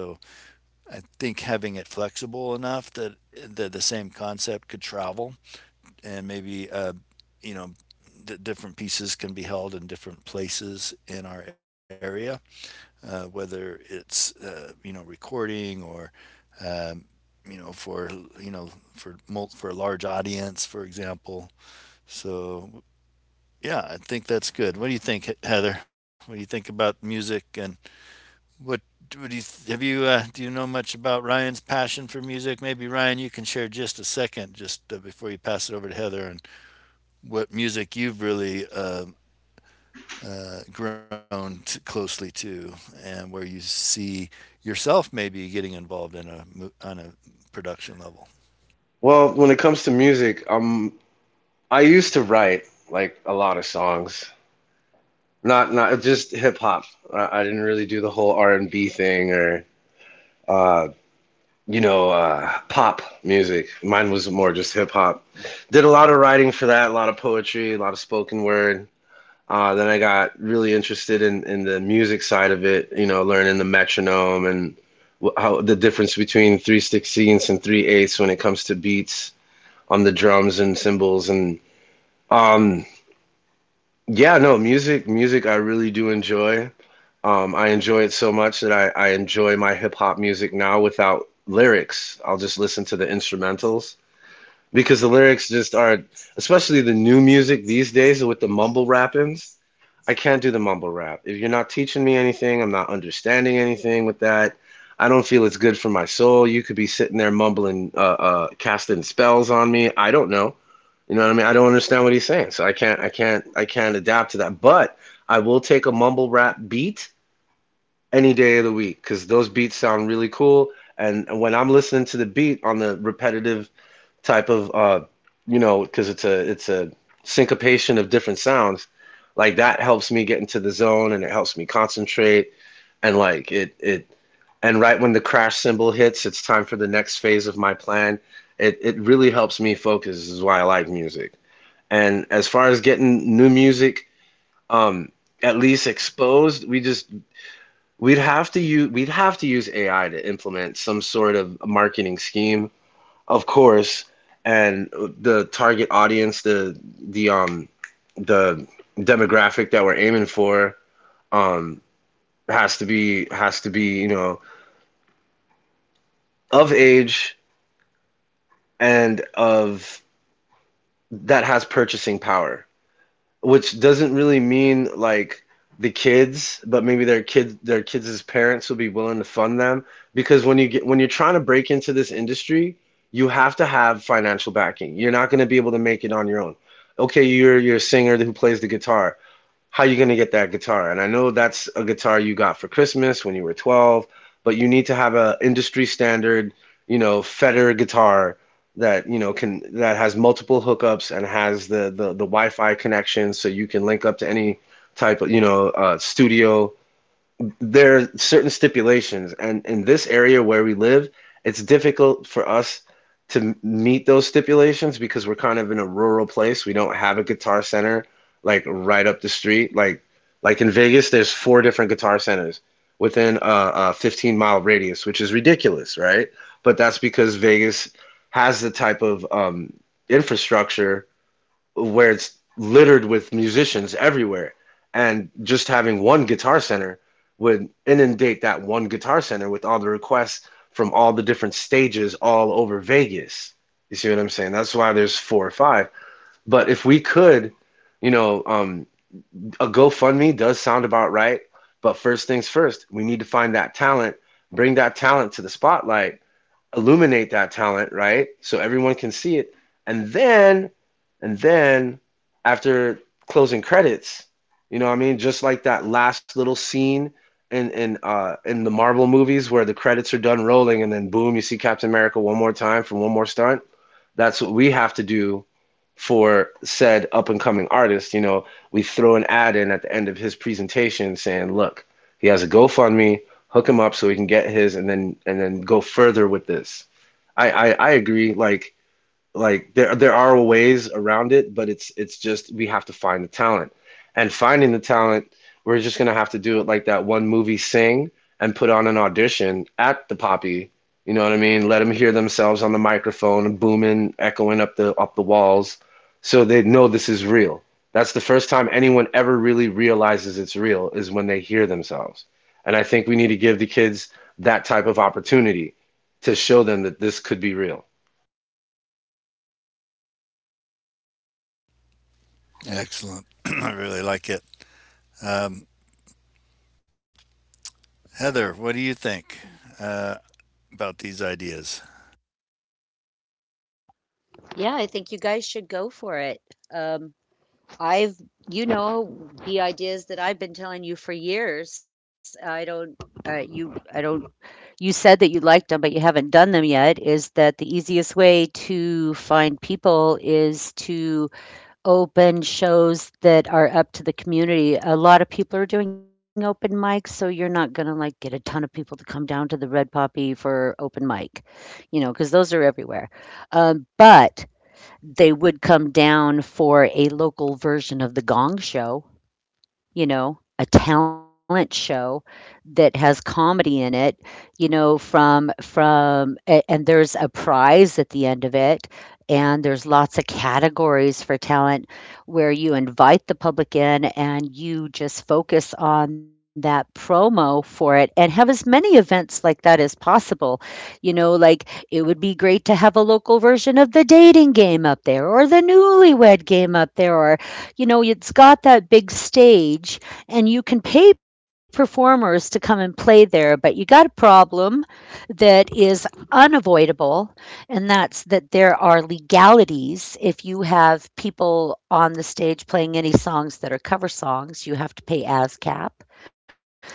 Speaker 2: I think having it flexible enough that that the same concept could travel, and maybe you know different pieces can be held in different places in our area, whether it's you know recording, or um, you know for you know for for a large audience, for example. So yeah, I think that's good. What do you think, Heather? What do you think about music and what? What do you have you do you know much about Ryan's passion for music? Maybe Ryan, you can share just a second, just before you pass it over to Heather, and what music you've really grown closely to, and where you see yourself maybe getting involved in a on a production level.
Speaker 3: Well, when it comes to music, I used to write like a lot of songs, not just hip hop. I didn't really do the whole R&B thing, or uh, you know, pop music. Mine was more just hip hop. Did a lot of writing for that, a lot of poetry, a lot of spoken word. Then I got really interested in the music side of it, you know, learning the metronome, and wh how the difference between three sixteenths and three eighths when it comes to beats on the drums and cymbals, and um yeah, no, music I really do enjoy. I enjoy it so much that I enjoy my hip hop music now without lyrics. I'll just listen to the instrumentals because the lyrics just are, especially the new music these days with the mumble rappings. I can't do the mumble rap. If you're not teaching me anything, I'm not understanding anything with that. I don't feel it's good for my soul. You could be sitting there mumbling, casting spells on me. I don't know. You know what I mean? I don't understand what he's saying, so I can't, I can't, I can't adapt to that. But I will take a mumble rap beat any day of the week, because those beats sound really cool. And when I'm listening to the beat on the repetitive type of, you know, because it's a syncopation of different sounds, like that helps me get into the zone, and it helps me concentrate, and like it, and right when the crash cymbal hits, it's time for the next phase of my plan. It really helps me focus. This is why I like music. And as far as getting new music, um at least exposed, we just, we'd have to use we'd have to use AI to implement some sort of marketing scheme, of course, and the target audience, the um the demographic that we're aiming for, um has to be, you know, of age, and of, that has purchasing power, which doesn't really mean like the kids, but maybe their kids, parents will be willing to fund them. Because when you get, when you're trying to break into this industry, you have to have financial backing. You're not going to be able to make it on your own. Okay, you're a singer who plays the guitar, how you going to get that guitar? And I know that's a guitar you got for Christmas when you were 12, but you need to have a industry standard, you know, Fender guitar that, you know, can, that has multiple hookups and has the the Wi-Fi connection so you can link up to any type of, you know, studio. There are certain stipulations, and in this area where we live, it's difficult for us to meet those stipulations because we're kind of in a rural place. We don't have a guitar center like right up the street. Like in Vegas, there's four different guitar centers within a 15-mile mile radius, which is ridiculous, right? But that's because Vegas has the type of infrastructure where it's littered with musicians everywhere. And just having one guitar center would inundate that one guitar center with all the requests from all the different stages all over Vegas. You see what I'm saying? That's why there's four or five. But if we could, you know, a GoFundMe does sound about right. But first things first, we need to find that talent, bring that talent to the spotlight, illuminate that talent, right? So everyone can see it. And then, and then after closing credits, you know what I mean? Just like that last little scene in, in the Marvel movies, where the credits are done rolling, and then boom, you see Captain America one more time from one more stunt. That's what we have to do for said up and coming artist. You know, we throw an ad in at the end of his presentation saying, look, he has a GoFundMe, hook him up so he can get his and then go further with this. I agree. Like there are ways around it, but it's just we have to find the talent. And finding the talent, we're just gonna have to do it like that one movie Sing and put on an audition at the Poppy. You know what I mean? Let them hear themselves on the microphone booming, echoing up the walls, so they know this is real. That's the first time anyone ever really realizes it's real is when they hear themselves. And I think we need to give the kids that type of opportunity to show them that this could be real.
Speaker 2: Excellent, I really like it. Um, Heather, what do you think uh, about these ideas?
Speaker 1: Yeah, I think you guys should go for it. Um, I've, you know, the ideas that I've been telling you for years. I don't. You said that you liked them, but you haven't done them yet. Is that the easiest way to find people is to open shows that are up to the community? A lot of people are doing open mics, so you're not gonna, like, get a ton of people to come down to the Red Poppy for open mic because those are everywhere. But they would come down for a local version of the Gong Show, you know, a talent show that has comedy in it, you know, and there's a prize at the end of it, and there's lots of categories for talent, where you invite the public in and you just focus on that promo for it and have as many events like that as possible. You know, like, it would be great to have a local version of the Dating Game up there, or the Newlywed Game up there. You know, it's got that big stage, and you can pay performers to come and play there, but you got a problem that is unavoidable, and that's that there are legalities. If you have people on the stage playing any songs that are cover songs, you have to pay ASCAP.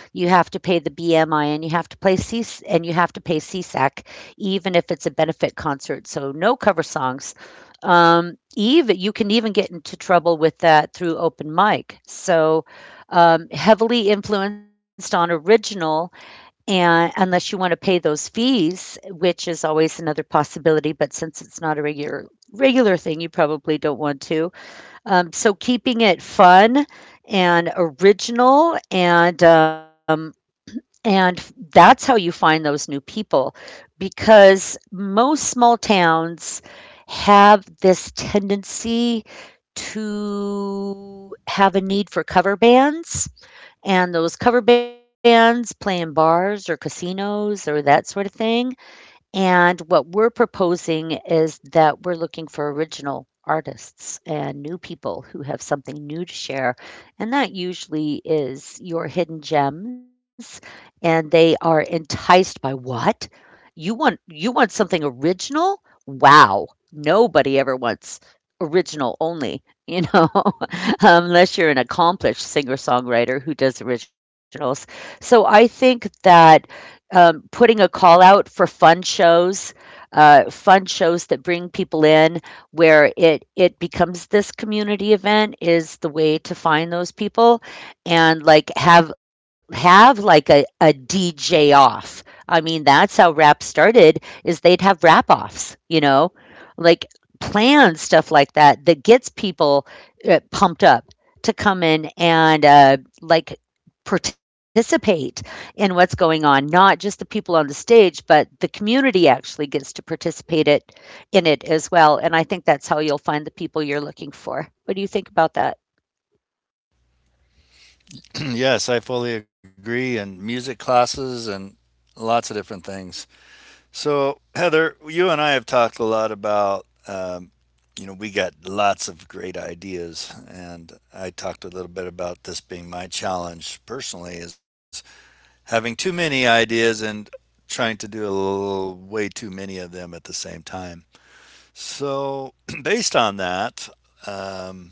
Speaker 1: You have to pay the BMI, and you have to play C, and you have to pay CSAC, even if it's a benefit concert. So no cover songs. Even you can even get into trouble with that through open mic. So heavily influenced on original, and unless you want to pay those fees, which is always another possibility. But since it's not a regular thing, you probably don't want to. So keeping it fun and original, and that's how you find those new people, because most small towns have this tendency to have a need for cover bands. And those cover bands play in bars or casinos or that sort of thing. And what we're proposing is that we're looking for original artists and new people who have something new to share. And that usually is your hidden gems. And they are enticed by what? You want something original? Wow. Nobody ever wants original only, you know, unless you're an accomplished singer-songwriter who does originals. So I think that putting a call out for fun shows that bring people in, where it becomes this community event, is the way to find those people. And, like, have like a DJ off. I mean, that's how rap started. Is they'd have rap offs, you know, like, plan stuff like that that gets people pumped up to come in and, uh, like participate in what's going on. Not just the people on the stage, but the community actually gets to participate it in it as well. And I think that's how you'll find the people you're looking for. What do you think about that?
Speaker 2: Yes, I fully agree. And music classes and lots of different things. So, Heather, you and I have talked a lot about, you know, we got lots of great ideas, and I talked a little bit about this being my challenge personally is having too many ideas and trying to do a little, way too many of them at the same time. So, based on that, um,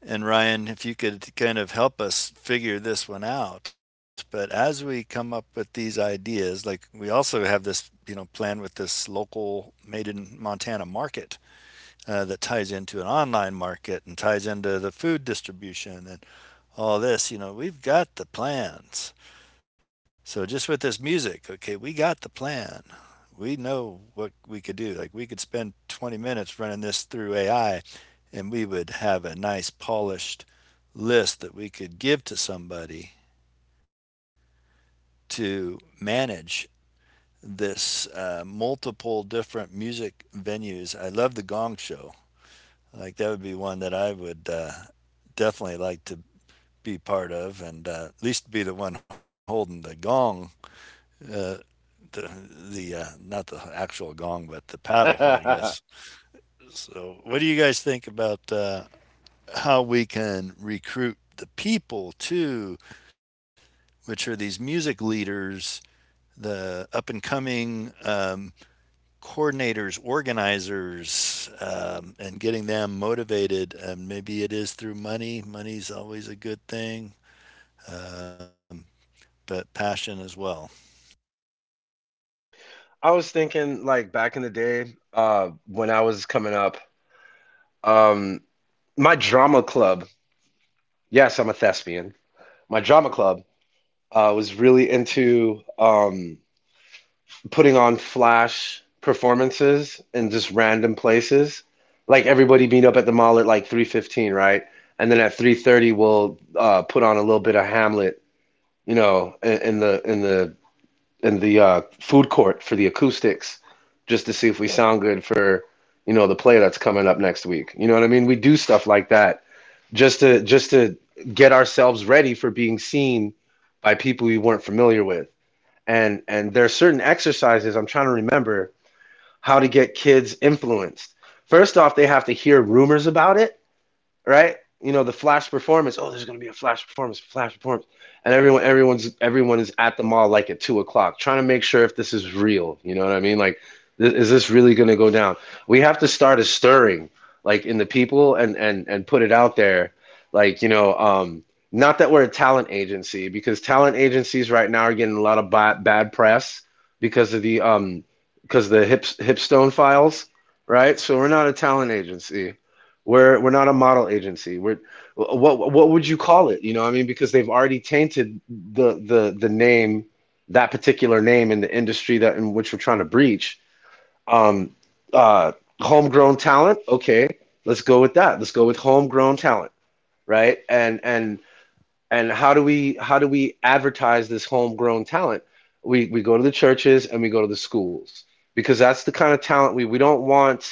Speaker 2: and Ryan, if you could kind of help us figure this one out. But as we come up with these ideas, like we also have this, you know, plan with this local made in Montana market that ties into an online market and ties into the food distribution and all this. You know, we've got the plans. So just with this music, okay, we got the plan. We know what we could do. Like we could spend 20 minutes running this through AI, and we would have a nice polished list that we could give to somebody to manage this multiple different music venues. I love the Gong Show. Like that would be one that I would definitely like to be part of, and at least be the one holding the gong. Uh, the not the actual gong, but the paddle, I guess. So, what do you guys think about how we can recruit the people to which are these music leaders, the up and coming coordinators, organizers, and getting them motivated. And maybe it is through money. Money's always a good thing, um, but passion as well.
Speaker 3: I was thinking like back in the day, when I was coming up, um, my drama club, yes, I'm a thespian. My drama club, was really into putting on flash performances in just random places. Like everybody meet up at the mall at like 3:15, right? And then at 3:30 we'll put on a little bit of Hamlet, you know, in the food court for the acoustics, just to see if we sound good for you know the play that's coming up next week. You know what I mean? We do stuff like that just to get ourselves ready for being seen by people we weren't familiar with. And there are certain exercises I'm trying to remember how to get kids influenced. First off, they have to hear rumors about it, right? You know, the flash performance. Oh, there's gonna be a flash performance, and everyone is at the mall like at 2 o'clock, trying to make sure if this is real. You know what I mean? Like, th is this really gonna go down? We have to start a stirring, like in the people, and and put it out there, like you know, not that we're a talent agency, because talent agencies right now are getting a lot of bad press because of the um, because of the hip Hipstone files, right? So we're not a talent agency. We're not a model agency. We're what would you call it? You know, I mean, because they've already tainted the name, that particular name in the industry that in which we're trying to breach. Um, uh, homegrown talent. Okay, let's go with that. Let's go with homegrown talent, right? And how do we advertise this homegrown talent? We go to the churches and we go to the schools, because that's the kind of talent we don't want.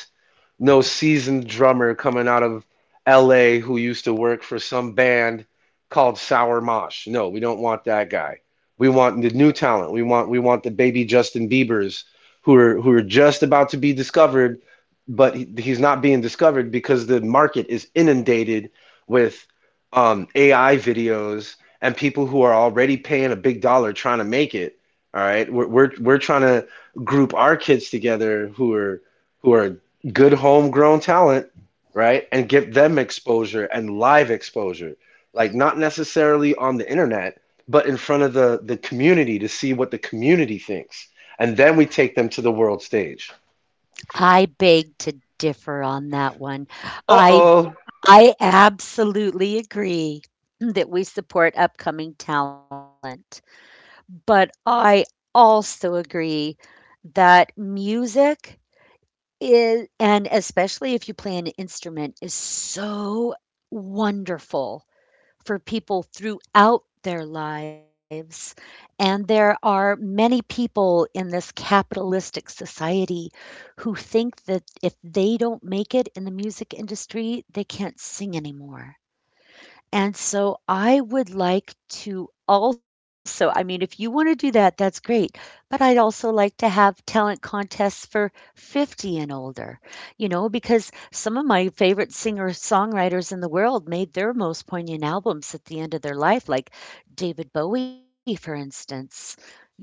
Speaker 3: No seasoned drummer coming out of LA who used to work for some band called Sour Mosh. No, we don't want that guy. We want the new talent. We want the baby Justin Biebers who are just about to be discovered, but he's not being discovered because the market is inundated with AI videos and people who are already paying a big dollar trying to make it. All right, we're trying to group our kids together who are good homegrown talent, right? And give them exposure and live exposure. Like not necessarily on the internet, but in front of the community to see what the community thinks. And then we take them to the world stage.
Speaker 1: I beg to differ on that one. I
Speaker 3: Uh-oh.
Speaker 1: I absolutely agree that we support upcoming talent, but I also agree that music, It and especially if you play an instrument, is so wonderful for people throughout their lives. And there are many people in this capitalistic society who think that if they don't make it in the music industry, they can't sing anymore. And so I would like to also, I mean, if you want to do that, that's great. But I'd also like to have talent contests for 50 and older, you know, because some of my favorite singer songwriters in the world made their most poignant albums at the end of their life, like David Bowie, for instance, you know.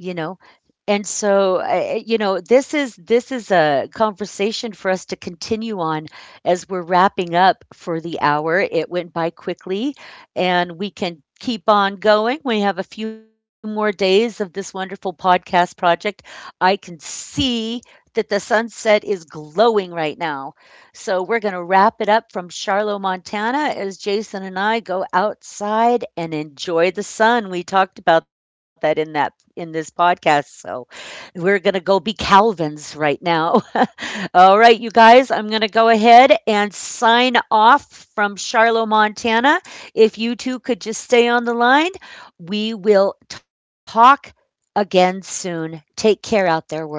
Speaker 1: And so, I- you know, this is a conversation for us to continue on as we're wrapping up for the hour. It went by quickly, and we can keep on going. We have a few more days of this wonderful podcast project. I can see that the sunset is glowing right now. So we're going to wrap it up from Charlotte, Montana, as Jason and I go outside and enjoy the sun. We talked about that in this podcast. So we're going to go be Calvins right now. All right, you guys, I'm going to go ahead and sign off from Charlotte, Montana. If you two could just stay on the line, we will talk again soon. Take care out there, world.